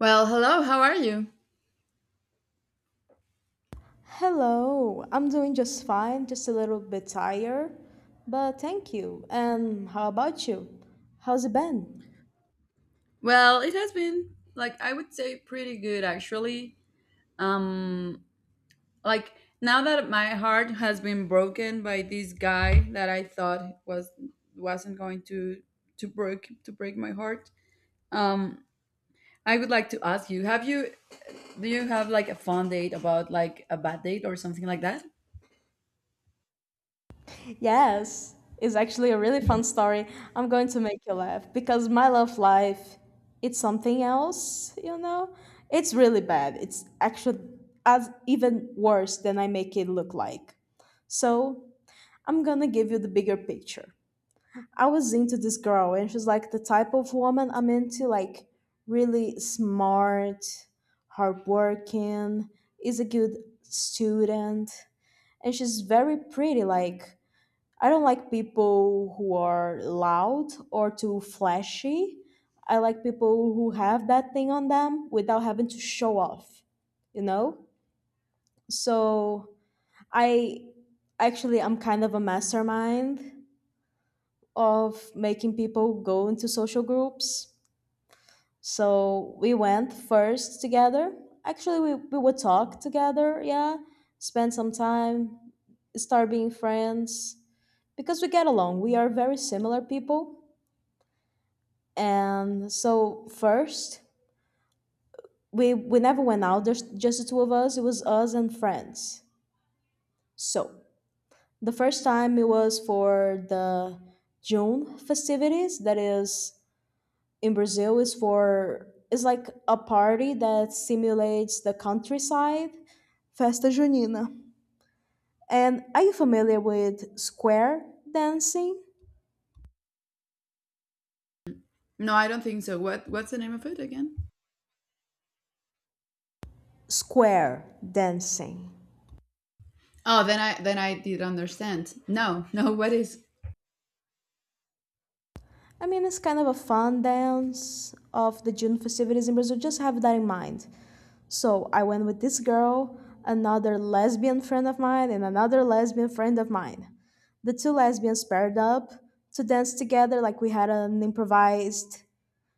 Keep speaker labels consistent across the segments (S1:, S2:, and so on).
S1: Well, hello, how are you?
S2: Hello, I'm doing just fine, just a little bit tired, but thank you. And how about you? How's it been?
S1: Well, it has been, like I would say, pretty good actually. Um like, now that my heart has been broken by this guy that I thought wasn't going to break my heart. Um I would like to ask you, have you do you have, like, a fun date about, like, a bad date or something like that?
S2: Yes, it's actually a really fun story. I'm going to make you laugh because my love life, it's something else, you know? It's really bad. It's actually as even worse than I make it look like. So, I'm gonna give you the bigger picture. I was into this girl, and she's like the type of woman I'm into, like really smart, hardworking, is a good student, and she's very pretty. Like, I don't like people who are loud or too flashy. I like people who have that thing on them without having to show off, you know? So I actually, I'm kind of a mastermind of making people go into social groups. So we went first together. Actually, we would talk together, yeah, spend some time, start being friends because we get along. We are very similar people. And so, first, we never went out, there's just the two of us, it was us and friends. So, the first time it was for the June festivities, that is in Brazil, is like a party that simulates the countryside, Festa Junina. And are you familiar with square dancing?
S1: No, I don't think so. What's the name of it again?
S2: Square dancing.
S1: Oh, then I did understand. No, no, what is
S2: I mean, it's kind of a fun dance of the June festivities in Brazil. Just have that in mind. So I went with this girl, another lesbian friend of mine, and another lesbian friend of mine. The two lesbians paired up to dance together, like we had an improvised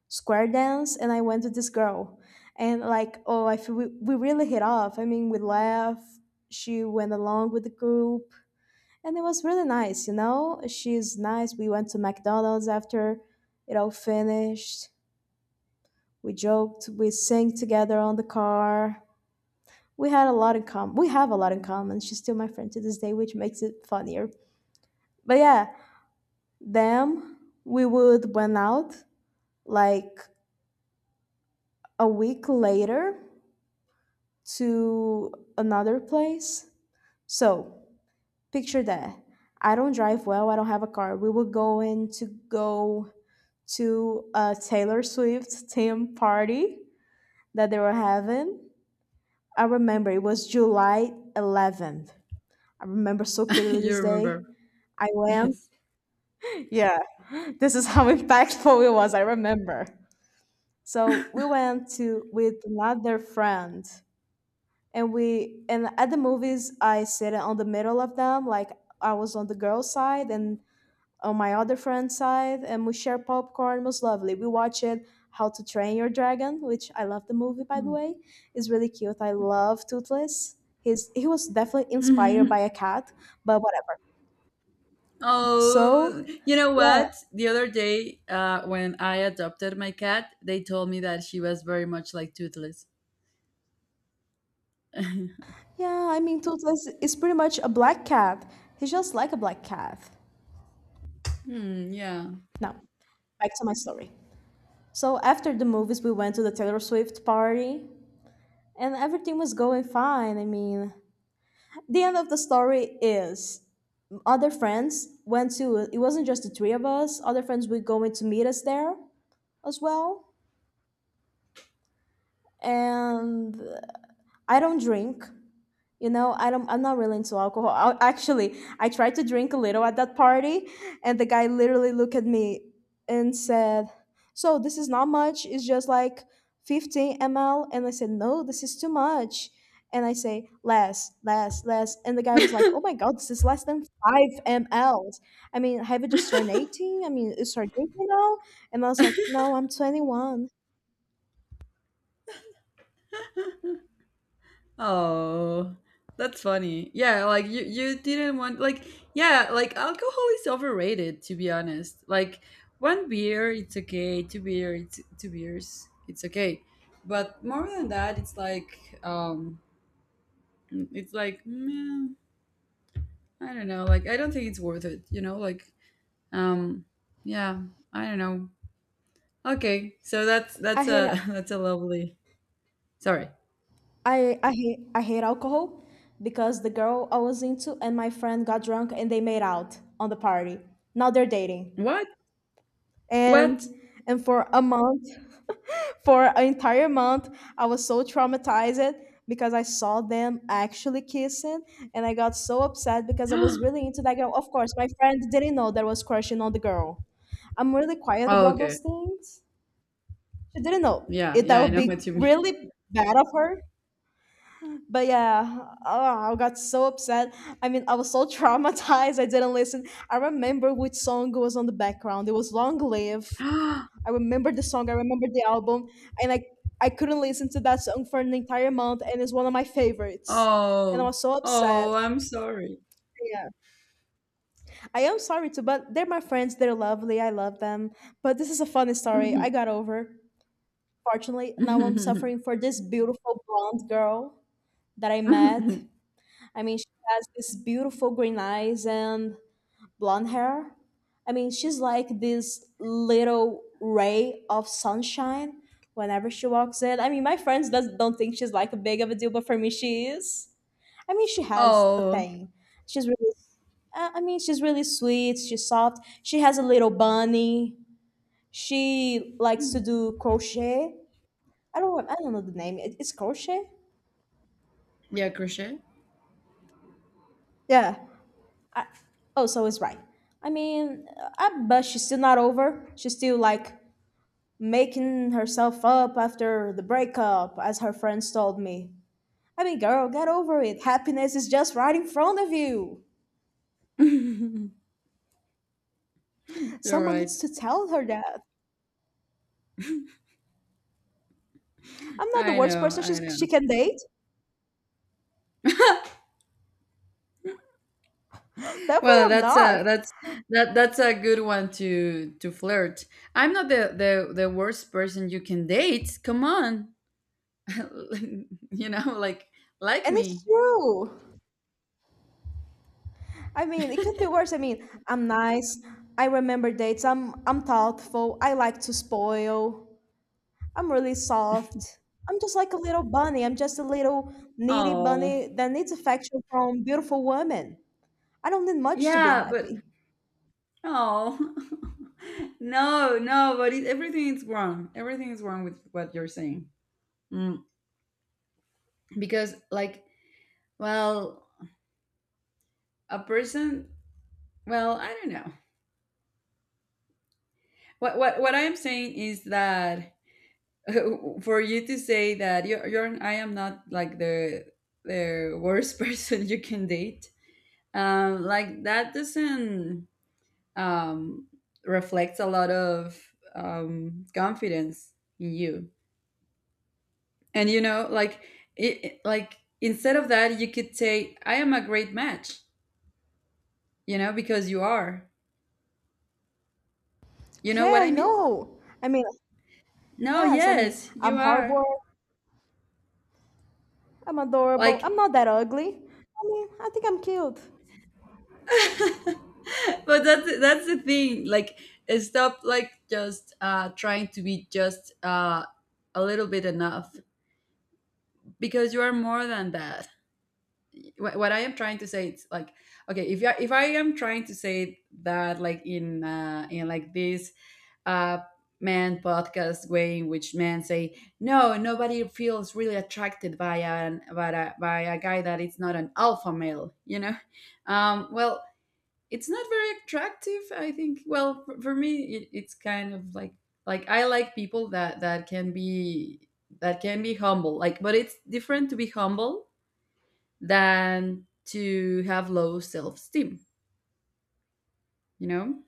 S2: square dance, and I went with this girl. And like, oh, I feel we really hit off. I mean, we laughed. She went along with the group, and it was really nice, you know? She's nice. We went to McDonald's after it all finished. We joked, we sang together on the car. We had a lot in common. We have a lot in common. She's still my friend to this day, which makes it funnier. But yeah, them we would went out like a week later to another place. So picture that. I don't drive well, I don't have a car. We were going to go to a Taylor Swift team party that they were having. I remember it was July 11th. I remember so clearly
S1: you
S2: this
S1: remember?
S2: day. I went.
S1: Yes.
S2: Yeah, this is how impactful it was. I remember. So we went to with another friend, and at the movies, I sit on the middle of them. Like, I was on the girl's side and on my other friend's side, and we share popcorn. It was lovely. We watched How to Train Your Dragon, which I love the movie, by the way. Is really cute. I love Toothless. He was definitely inspired by a cat, but whatever.
S1: Oh,
S2: So
S1: you know
S2: yeah.
S1: what? The other day, when I adopted my cat, they told me that she was very much like Toothless.
S2: Yeah, I mean, Toothless is pretty much a black cat. He's just like a black cat.
S1: Hmm, yeah.
S2: Now, back to my story. So after the movies, we went to the Taylor Swift party, and everything was going fine. I mean, the end of the story is other friends went to. It wasn't just the three of us. Other friends were going to meet us there as well. And I don't drink. You know, I don't. I'm not really into alcohol. Actually, I tried to drink a little at that party, and the guy literally looked at me and said, "So this is not much. It's just like 15 mL." And I said, "No, this is too much." And I say, "Less, less, less." And the guy was like, "Oh my god, this is less than 5 mLs. I mean, have you just turned 18? I mean, you start drinking now?" And I was like, "No, I'm 21."
S1: Oh, that's funny. Yeah, like you didn't want, like, yeah, like alcohol is overrated, to be honest. Like, one beer, it's okay. Two beers, it's okay. But more than that, it's like meh, I don't know. Like, I don't think it's worth it. Like, Um, yeah, I don't know. Okay, so
S2: I
S1: that's
S2: hate it.
S1: a that's a lovely. Sorry,
S2: I hate alcohol because the girl I was into and my friend got drunk and they made out on the party. Now they're dating.
S1: what? What?
S2: And and for a month, for an entire month, I was so traumatized because I saw them actually kissing, and I got so upset because I was really into that girl. Of course, my friend didn't know that I was crushing on the girl. I'm really quiet
S1: Oh,
S2: about
S1: okay.
S2: those things. She didn't know.
S1: Yeah,
S2: It
S1: yeah,
S2: That
S1: I
S2: would
S1: know what
S2: be
S1: you mean.
S2: really bad of her. But yeah, oh, I got so upset. I mean, I was so traumatized. I didn't listen. I remember which song was on the background. It was Long Live. I remember the song. I remember the album, and I couldn't listen to that song for an entire month, and it's one of my favorites. And I
S1: Oh,
S2: was so upset.
S1: oh, I'm sorry.
S2: Yeah, I am sorry too, but they're my friends. They're lovely. I love them. But this is a funny story. I got over. Fortunately, now I'm suffering for this beautiful blonde girl that I mean, she has this beautiful green eyes and blonde hair. I mean, she's like this little ray of sunshine whenever she walks in. I mean, my friends don't think she's like a big of a deal, but for me, she is. I mean, she has a
S1: Oh,
S2: thing. She's really, I mean, she's really sweet. She's soft. She has a little bunny. She likes to do crochet. I don't know the name. It's crochet.
S1: yeah, crochet.
S2: Yeah, I, oh, so it's right. I mean, I bet she's still not over. She's still like making herself up after the breakup, as her friends told me. I mean, girl, get over it. Happiness is just right in front of you.
S1: You're
S2: Someone
S1: right.
S2: needs to tell her that. I'm not the
S1: I
S2: worst
S1: know,
S2: person
S1: I
S2: she
S1: know.
S2: can date. Definitely
S1: Well,
S2: I'm not.
S1: that's a good one to flirt. I'm not the worst person you can date. Come on. You know, like,
S2: And it's
S1: me.
S2: true. I mean, it could be worse. I mean, I'm nice. I remember dates. I'm thoughtful. I like to spoil. I'm really soft. I'm just like a little bunny. I'm just a little needy
S1: Oh,
S2: bunny that needs affection from beautiful women. I don't need much to be
S1: yeah, but
S2: happy.
S1: oh, no, no, but everything is wrong. Everything is wrong with what you're saying. Mm, because, like, well, a person, well, I don't know. What I am saying is that for you to say that you're I am not, like, the worst person you can date. Like, that doesn't, um, reflects a lot of, confidence in you. And, like like, instead of that, you could say, "I am a great match," because you are. You know
S2: Yeah,
S1: what
S2: I
S1: I mean?
S2: know. I mean,
S1: No,
S2: yes, I mean,
S1: yes, you
S2: I'm
S1: are.
S2: hardworking. I'm adorable.
S1: Like,
S2: I'm not that ugly. I mean, I think I'm cute.
S1: but that's the thing. Like, stop, like just trying to be just a little bit enough, because you are more than that. What I am trying to say it's like, okay, if if I am trying to say that, like in like this uh, man podcast way in which men say no nobody feels really attracted by an by by a guy that it's not an alpha male, well, it's not very attractive, I think. Well, for, me, it's kind of like I like people that can be humble, like, but it's different to be humble than to have low self esteem, you know?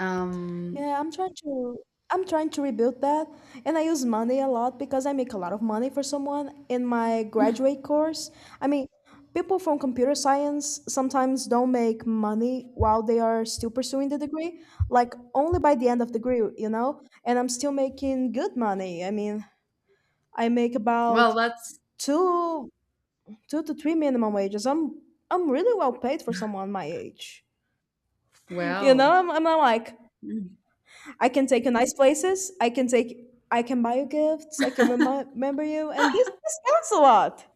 S1: Um,
S2: Yeah, I'm trying to rebuild that, and I use money a lot because I make a lot of money for someone in my graduate course. I mean, people from computer science sometimes don't make money while they are still pursuing the degree, like only by the end of the degree, you know? And I'm still making good money. I mean, I make
S1: well,
S2: about
S1: that's,
S2: two two to three minimum wages. I'm really well paid for someone my age. You know,
S1: well.
S2: I'm not like I can take you nice places. I can take. I can buy you gifts. I can remember you, and this counts a lot.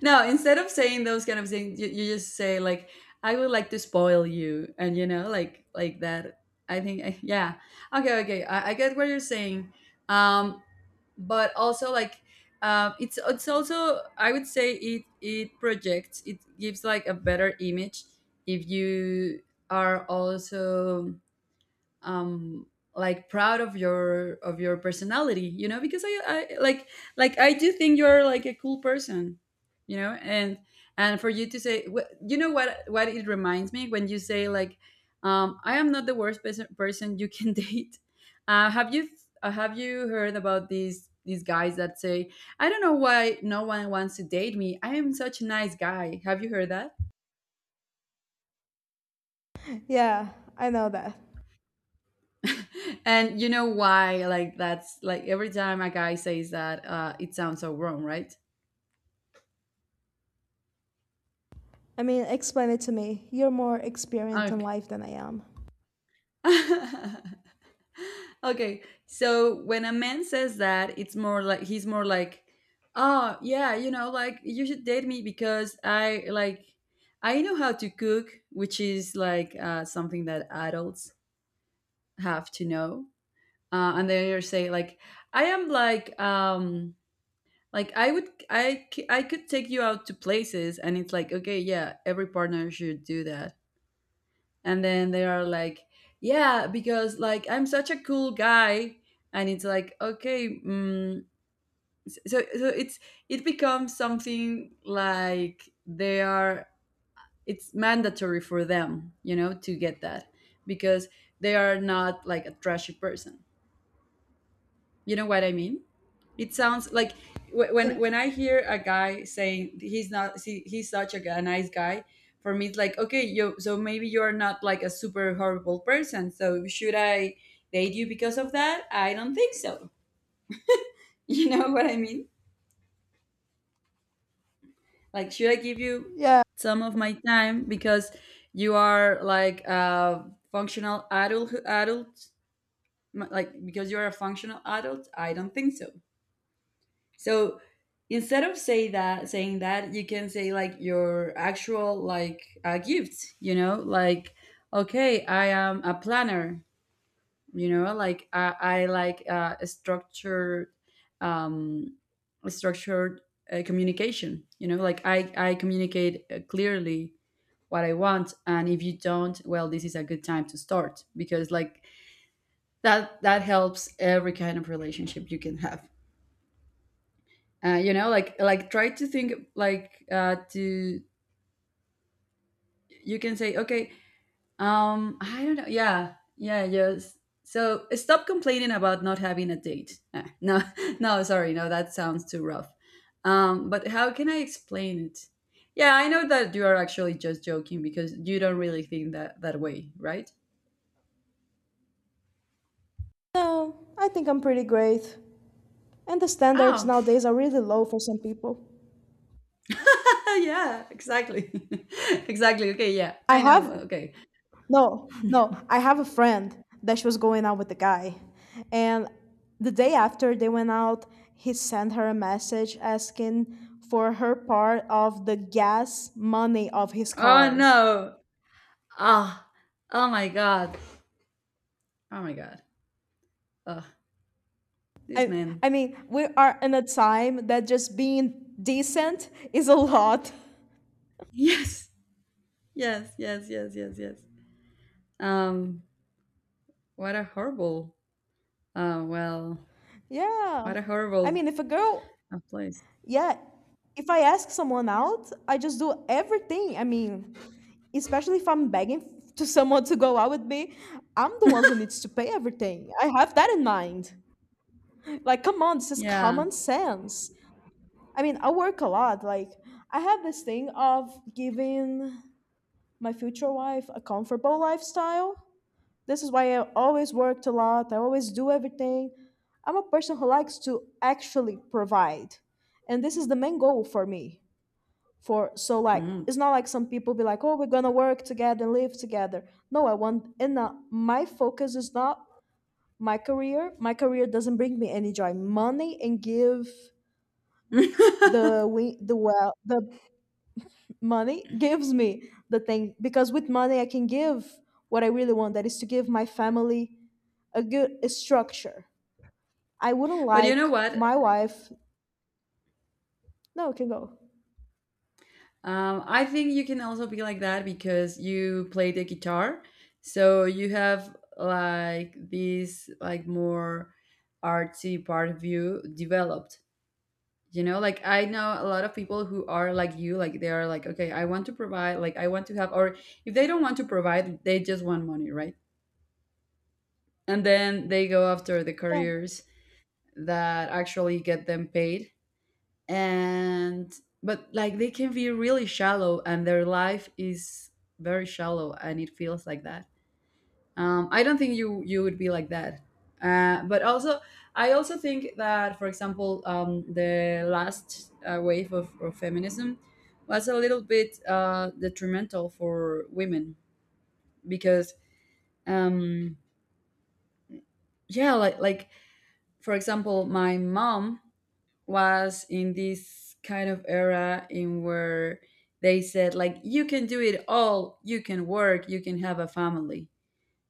S1: No, instead of saying those kind of things, you just say, like, I would like to spoil you. And, like, that. I think, yeah. Okay, okay. I get what you're saying. Um, but also, like, it's also, I would say, it projects, it gives like a better image if you are also, um like, proud of your personality, because I like, I do think you're like a cool person, and for you to say, you know what it reminds me when you say, like, I am not the worst person you can date. Have you heard about these guys that say, "I don't know why no one wants to date me. I am such a nice guy"? Have you heard that?
S2: Yeah, I know that.
S1: And you know why? Like, that's like every time a guy says that, it sounds so wrong, right?
S2: I mean, explain it to me. You're more experienced in
S1: Okay.
S2: life than I am.
S1: Okay, so when a man says that, it's more like, he's more like, "Oh, yeah, you know, like, you should date me because I, like, I know how to cook," which is like, something that adults have to know. Uh, and they say, like, "I am," like, like I would, I could take you out to places. And it's like, okay, yeah, every partner should do that. And then they are like, yeah, because like, I'm such a cool guy. And it's like, okay, so it's, it becomes something like they are. It's mandatory for them, to get that, because they are not like a trashy person. You know what I mean? It sounds like, wh-
S2: Yeah.
S1: when when I hear a guy saying he's not see, he's such a nice guy, for me it's like, okay, you so maybe you're not like a super horrible person. So should I date you because of that? I don't think so. You know what I mean? Like, should I give you
S2: Yeah.
S1: some of my time because you are, like, a functional adult, like, because you're a functional adult? I don't think so. So instead of saying that, you can say, like, your actual, like, gifts. Like, okay, I am a planner. Like, I like, structured, um, structured, communication. Like, I communicate, clearly, what I want, and if you don't, well, this is a good time to start, because like, that helps every kind of relationship you can have. Like, try to think, like, to you can say, okay, I don't know. Yeah, yeah, yes. So stop complaining about not having a date. No, no, sorry, no, that sounds too rough. But how can I explain it? Yeah, I know that you are actually just joking, because you don't really think that that way, right?
S2: No, I think I'm pretty great. And the standards
S1: Oh,
S2: nowadays are really low for some people.
S1: yeah, exactly. Exactly. Okay. Yeah,
S2: I
S1: I know.
S2: have
S1: Okay.
S2: No, no. I have a friend that she was going out with the guy. And the day after they went out, he sent her a message asking for her part of the gas money of his
S1: Oh,
S2: car.
S1: no. Ah. Oh, oh my god. Oh my god. Ugh, this man.
S2: I mean, we are in a time that just being decent is a lot.
S1: Yes, yes, yes, yes, yes, yes. Um, what a horrible. Well,
S2: Yeah.
S1: what a
S2: I
S1: horrible,
S2: mean, if a girl,
S1: place.
S2: yeah, if I ask someone out, I just do everything. I mean, especially if I'm begging to someone to go out with me, I'm the one who needs to pay everything. I have that in mind. Like, come on, this is
S1: Yeah.
S2: common sense. I mean, I work a lot. Like, I have this thing of giving my future wife a comfortable lifestyle. This is why I always worked a lot. I always do everything. I'm a person who likes to actually provide. And this is the main goal for me. For so, like,
S1: Mm.
S2: it's not like some people be like, oh, we're gonna work together and live together. No, I want, and my focus is not my career. My career doesn't bring me any joy. Money and give the money gives me the thing, because with money I can give what I really want, that is to give my family a good a structure. I wouldn't
S1: But you
S2: like
S1: know what?
S2: my wife. No, it can go.
S1: I think you can also be like that because you play the guitar, so you have, like, this, like, more artsy part of you developed. Like, I know a lot of people who are like you. Like, they are like, okay, I want to provide, like, I want to have. Or if they don't want to provide, they just want money, right? And then they go after the
S2: Yeah,
S1: careers that actually get them paid. And but, like, they can be really shallow, and their life is very shallow, and it feels like that. I don't think you would be like that. But also, I also think that, for example, the last, wave of feminism was a little bit, detrimental for women, because, um, yeah, like, for example, my mom was in this kind of era in where they said, like, you can do it all, you can work, you can have a family.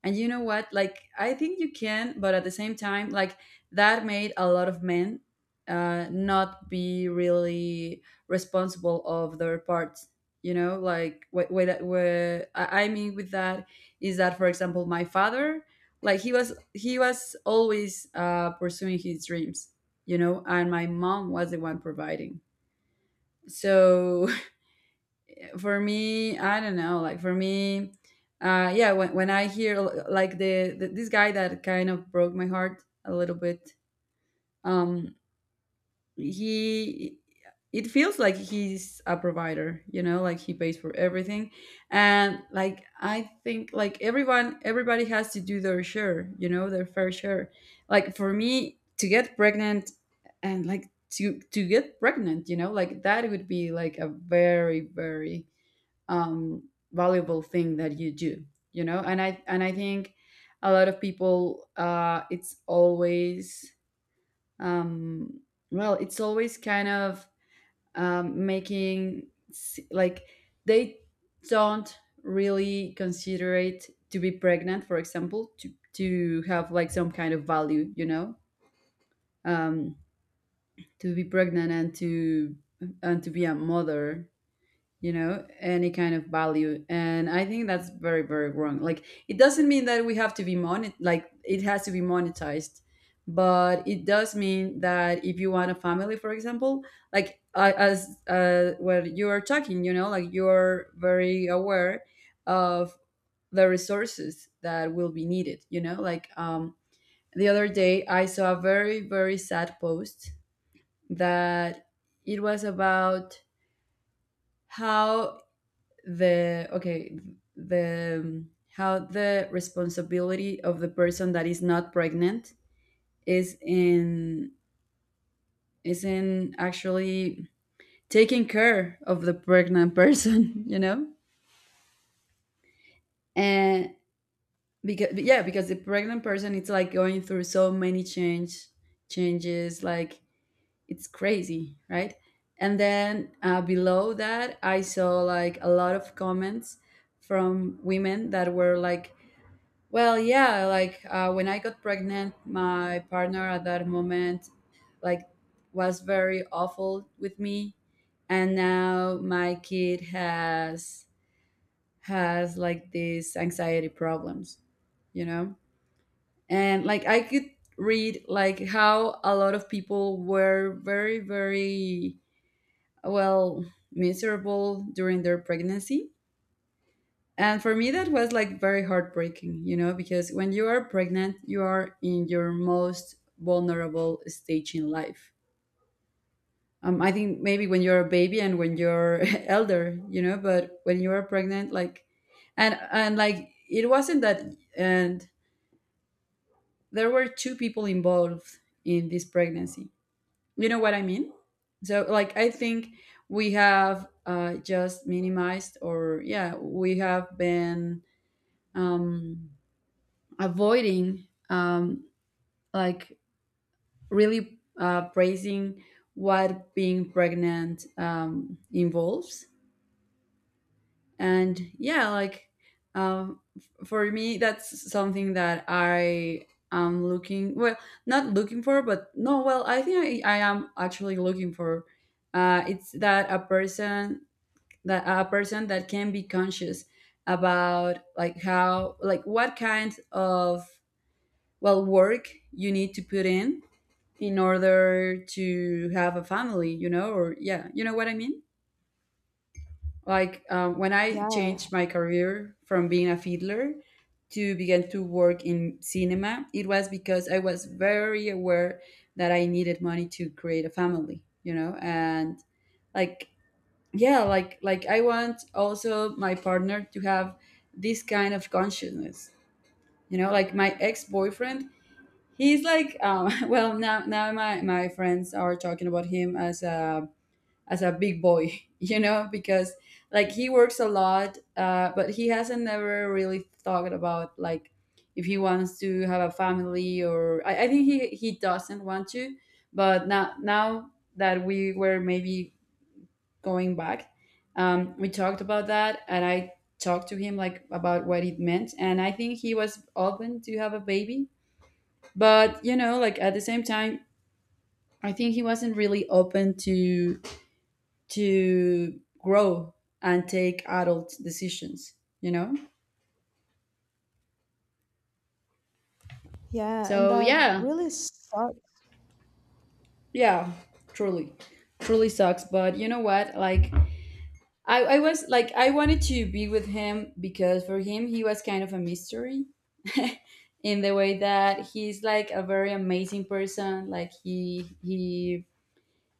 S1: And you know what? Like, I think you can, but at the same time, like, that made a lot of men, not be really responsible of their parts. Like, what I mean with that is that, for example, my father, like, he was always, pursuing his dreams. And my mom was the one providing. So for me, I don't know, like, for me yeah, when I hear like the this guy that kind of broke my heart a little bit, um he, it feels like he's a provider, you know, like he pays for everything. And like I think, like, everyone everybody has to do their share, you know, their fair share. Like for me to get pregnant, and like to get pregnant, you know, like that would be like a very very valuable thing that you do, you know. And I think a lot of people, it's always um, well, it's always kind of making s- like they don't really consider it, to be pregnant for example, to have like some kind of value, you know, um, to be pregnant and to, and to be a mother, you know, any kind of value. And I think that's very very wrong. Like it doesn't mean that we have to be monet like it has to be monetized, but it does mean that if you want a family, for example, like as what you are talking, you know, like you're very aware of the resources that will be needed, you know, like, the other day I saw a very very sad post that, it was about how, the okay the how the responsibility of the person that is not pregnant is in, is in actually taking care of the pregnant person, you know. And because, yeah, because the pregnant person, it's like going through so many changes. Like it's crazy, right? And then below that I saw like a lot of comments from women that were like, well, yeah, like when I got pregnant, my partner at that moment, like, was very awful with me, and now my kid has like these anxiety problems, you know. And like I could read like how a lot of people were very very, well, miserable during their pregnancy. And for me, that was like very heartbreaking, you know, because when you are pregnant, you are in your most vulnerable stage in life. I think maybe when you're a baby and when you're elder, you know, but when you are pregnant, like, and like it wasn't that, and there were two people involved in this pregnancy. You know what I mean? So like, I think we have just minimized, or yeah, we have been Um, avoiding like really praising what being pregnant involves. And yeah, like, for me that's something that I am looking well not looking for, but no, well, I am actually looking for, it's that a person, that a person that can be conscious about like how, like what kind of, well, work you need to put in order to have a family, you know, or yeah, you know what I mean? Like, when I
S2: yeah,
S1: changed my career from being a fiddler to begin to work in cinema, it was because I was very aware that I needed money to create a family, you know, and like, yeah, like, I want also my partner to have this kind of consciousness. You know, like my ex-boyfriend, he's like, well, now my friends are talking about him as a, as a big boy, you know, because like he works a lot, but he hasn't never really thought about like if he wants to have a family, or I think he doesn't want to. But now that we were maybe going back, we talked about that, and I talked to him like about what it meant, and I think he was open to have a baby, but, you know, like at the same time, I think he wasn't really open to grow and take adult decisions, you know.
S2: yeah, and
S1: So
S2: that
S1: yeah.
S2: really sucks.
S1: Yeah. Truly, truly sucks. But you know what? Like, I was like, I wanted to be with him because, for him, he was kind of a mystery, in the way that he's like a very amazing person. Like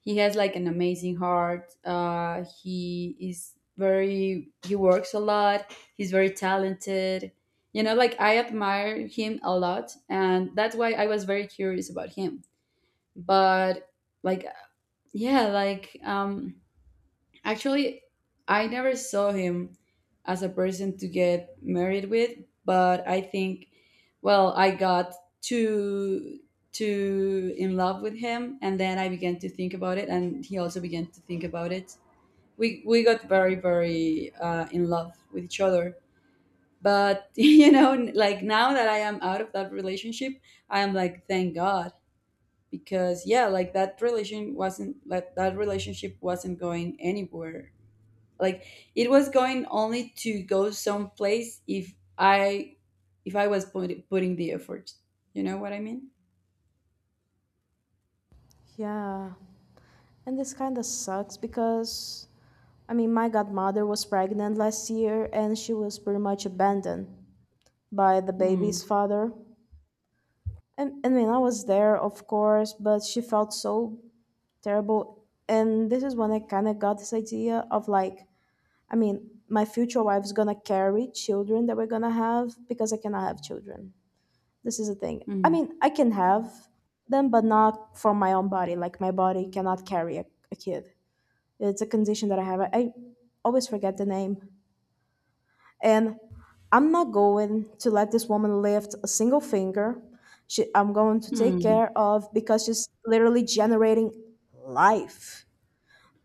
S1: he has like an amazing heart. He is very, he works a lot, he's very talented. You know, like I admire him a lot, and that's why I was very curious about him. But like, yeah, like, actually, I never saw him as a person to get married with, but I think, well, I got too too in love with him, and then I began to think about it, and he also began to think about it. We got very very in love with each other. But you know, like now that I am out of that relationship, I am like, thank God. Because, yeah, like that relation wasn't, like that relationship wasn't going anywhere. Like it was going only to go someplace if I was putting the effort. You know what I mean?
S2: Yeah. And this kind of sucks because, I mean, my godmother was pregnant last year and she was pretty much abandoned by the baby's
S1: Hmm.
S2: father. And I mean, I was there, of course, but she felt so terrible. And this is when I kind of got this idea of like, I mean, my future wife's gonna carry children that we're gonna have because I cannot have children. This is the thing. I
S1: Hmm.
S2: mean, I can have them, but not from my own body. Like, my body cannot carry a kid. It's a condition that I have. I always forget the name. And I'm not going to let this woman lift a single finger. She, I'm going to take
S1: Hmm.
S2: care of, because she's literally generating life.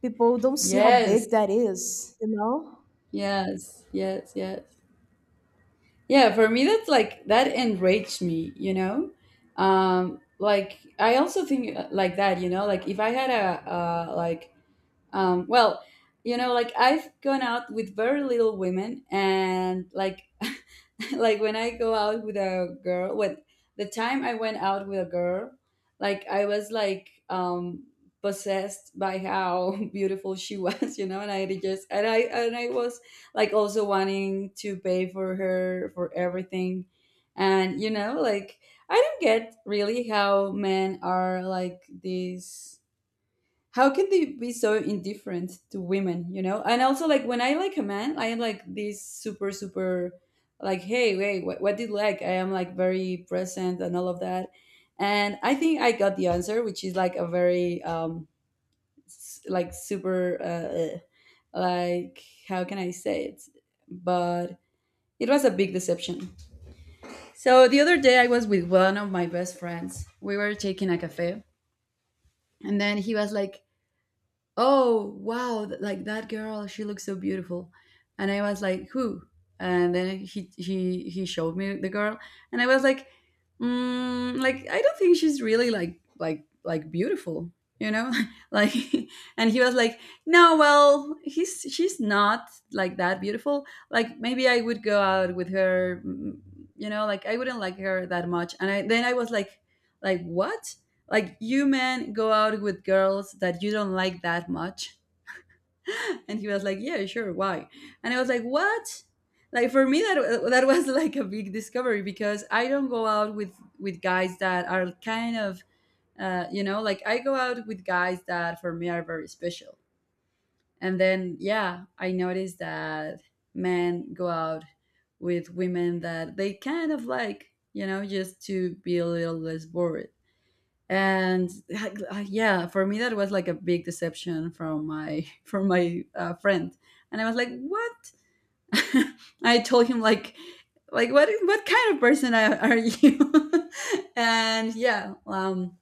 S2: People don't see how
S1: Yes.
S2: big that is, you know?
S1: Yes, yes, yes. Yeah, for me that's like, that enraged me, you know. Like I also think, like that, you know, like if I had a, like, well, you know, like I've gone out with very little women, and like, like when I go out with a girl, when the time I went out with a girl, like I was like, possessed by how beautiful she was, you know, and I did just and I was like also wanting to pay for her for everything, and, you know, like I don't get really how men are like these, how can they be so indifferent to women? You know. And also, like, when I like a man, I am like this super super like, hey, wait, what did you, like I am like very present and all of that. And I think I got the answer, which is like a very like super, like how can I say it? But it was a big deception. So the other day I was with one of my best friends, we were taking a cafe, and then he was like, oh wow, like, that girl, she looks so beautiful. And I was like, who? And then he showed me the girl, and I was like, mm, like I don't think she's really like beautiful, you know. Like, and he was like, no, well, he's she's not like that beautiful, like maybe I would go out with her. Mm, you know, like I wouldn't like her that much. And I was like what? Like, you men go out with girls that you don't like that much? And he was like, yeah, sure, why? And I was like, what? Like, for me, that was like a big discovery, because I don't go out with guys that are kind of, you know, like I go out with guys that for me are very special. And then, yeah, I noticed that men go out with women that they kind of like, you know, just to be a little less bored. And yeah, for me that was like a big deception from my from my friend. And I was like, what? I told him like what kind of person are you? And yeah,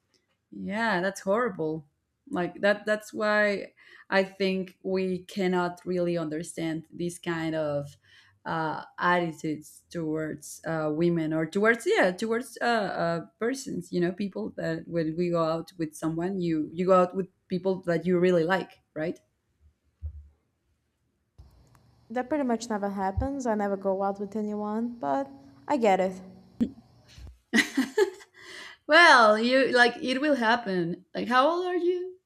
S1: yeah, that's horrible. Like that's why I think we cannot really understand these kind of attitudes towards women, or towards, yeah, towards persons, you know, people. That when we go out with someone, you go out with people that you really like, right?
S2: That pretty much never happens. I never go out with anyone, but I get it.
S1: Well, you, like, it will happen. Like, how old are you?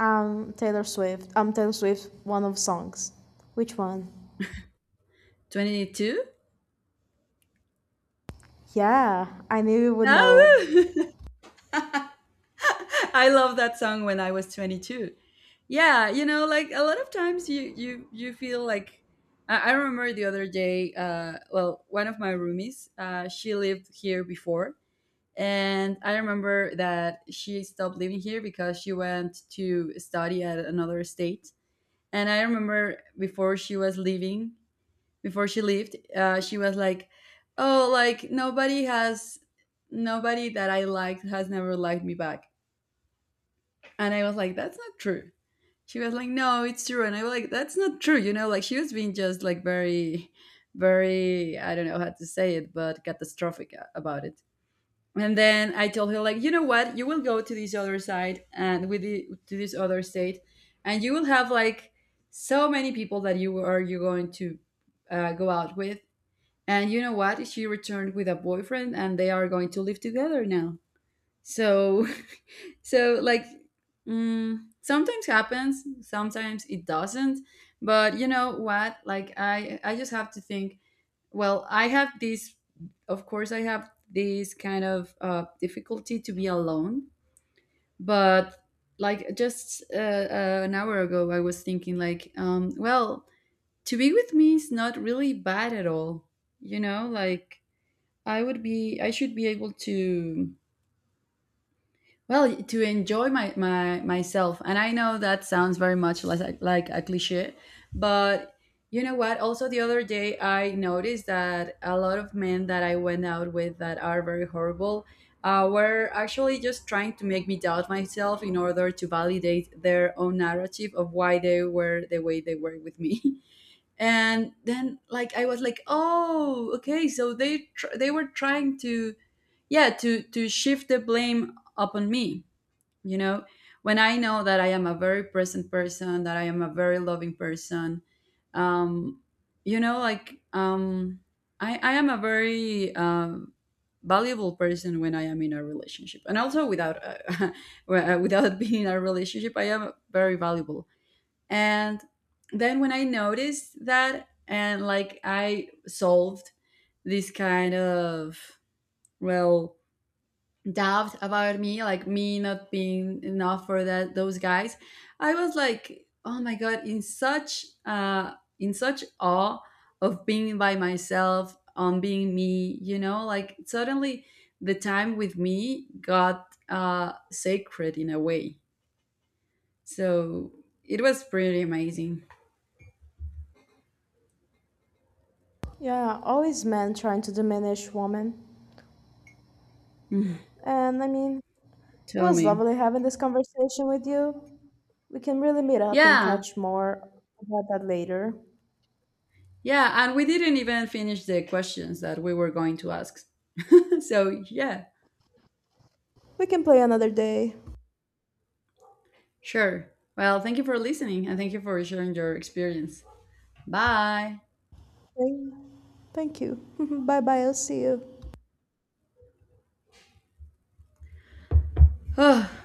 S2: I'm Taylor Swift. I'm Taylor Swift, one of songs. Which one?
S1: 22.
S2: Yeah, I knew you would know.
S1: Oh, I love that song when I was 22. Yeah, you know, like a lot of times you, you, you feel like, I remember the other day. Well, one of my roomies, she lived here before, and I remember that she stopped living here because she went to study at another state. And I remember before she was leaving, before she left, she was like, "Oh, like nobody has, nobody that I liked has never liked me back." And I was like, that's not true. She was like, no, it's true. And I was like, that's not true. You know, like she was being just like very, very, I don't know how to say it, but catastrophic about it. And then I told her, like, you know what? You will go to this other side, and with the, to this other state, and you will have like so many people that you going to go out with. And you know what? She returned with a boyfriend, and they are going to live together now. So so like, mm, sometimes happens, sometimes it doesn't. But you know what? Like I just have to think, well, I have this, of course, I have this kind of difficulty to be alone. But like, just an hour ago, I was thinking like, well, to be with me is not really bad at all. You know, like I would be, I should be able to, well, to enjoy my, my myself. And I know that sounds very much less like a cliche, but you know what? Also, the other day I noticed that a lot of men that I went out with that are very horrible were actually just trying to make me doubt myself in order to validate their own narrative of why they were the way they were with me. And then, like, I was like, oh, okay, so they were trying to, yeah, to shift the blame upon me, you know. When I know that I am a very present person, that I am a very loving person, um you know, like I am a very valuable person when I am in a relationship, and also without, well, without being in a relationship, I am very valuable. And then when I noticed that, and like I solved this kind of, well, doubt about me, like me not being enough for that those guys, I was like, oh my god, in such awe of being by myself, on being me, you know, like suddenly the time with me got sacred in a way. So it was pretty amazing.
S2: Yeah, always men trying to diminish women.
S1: Mm.
S2: And I mean, it
S1: Tell
S2: was
S1: me.
S2: lovely having this conversation with you. We can really meet up and
S1: Yeah.
S2: catch more about that later.
S1: Yeah, and we didn't even finish the questions that we were going to ask. So, yeah.
S2: We can play another day.
S1: Sure. Well, thank you for listening, and thank you for sharing your experience. Bye.
S2: Thank Thank you. Bye bye, I'll see you.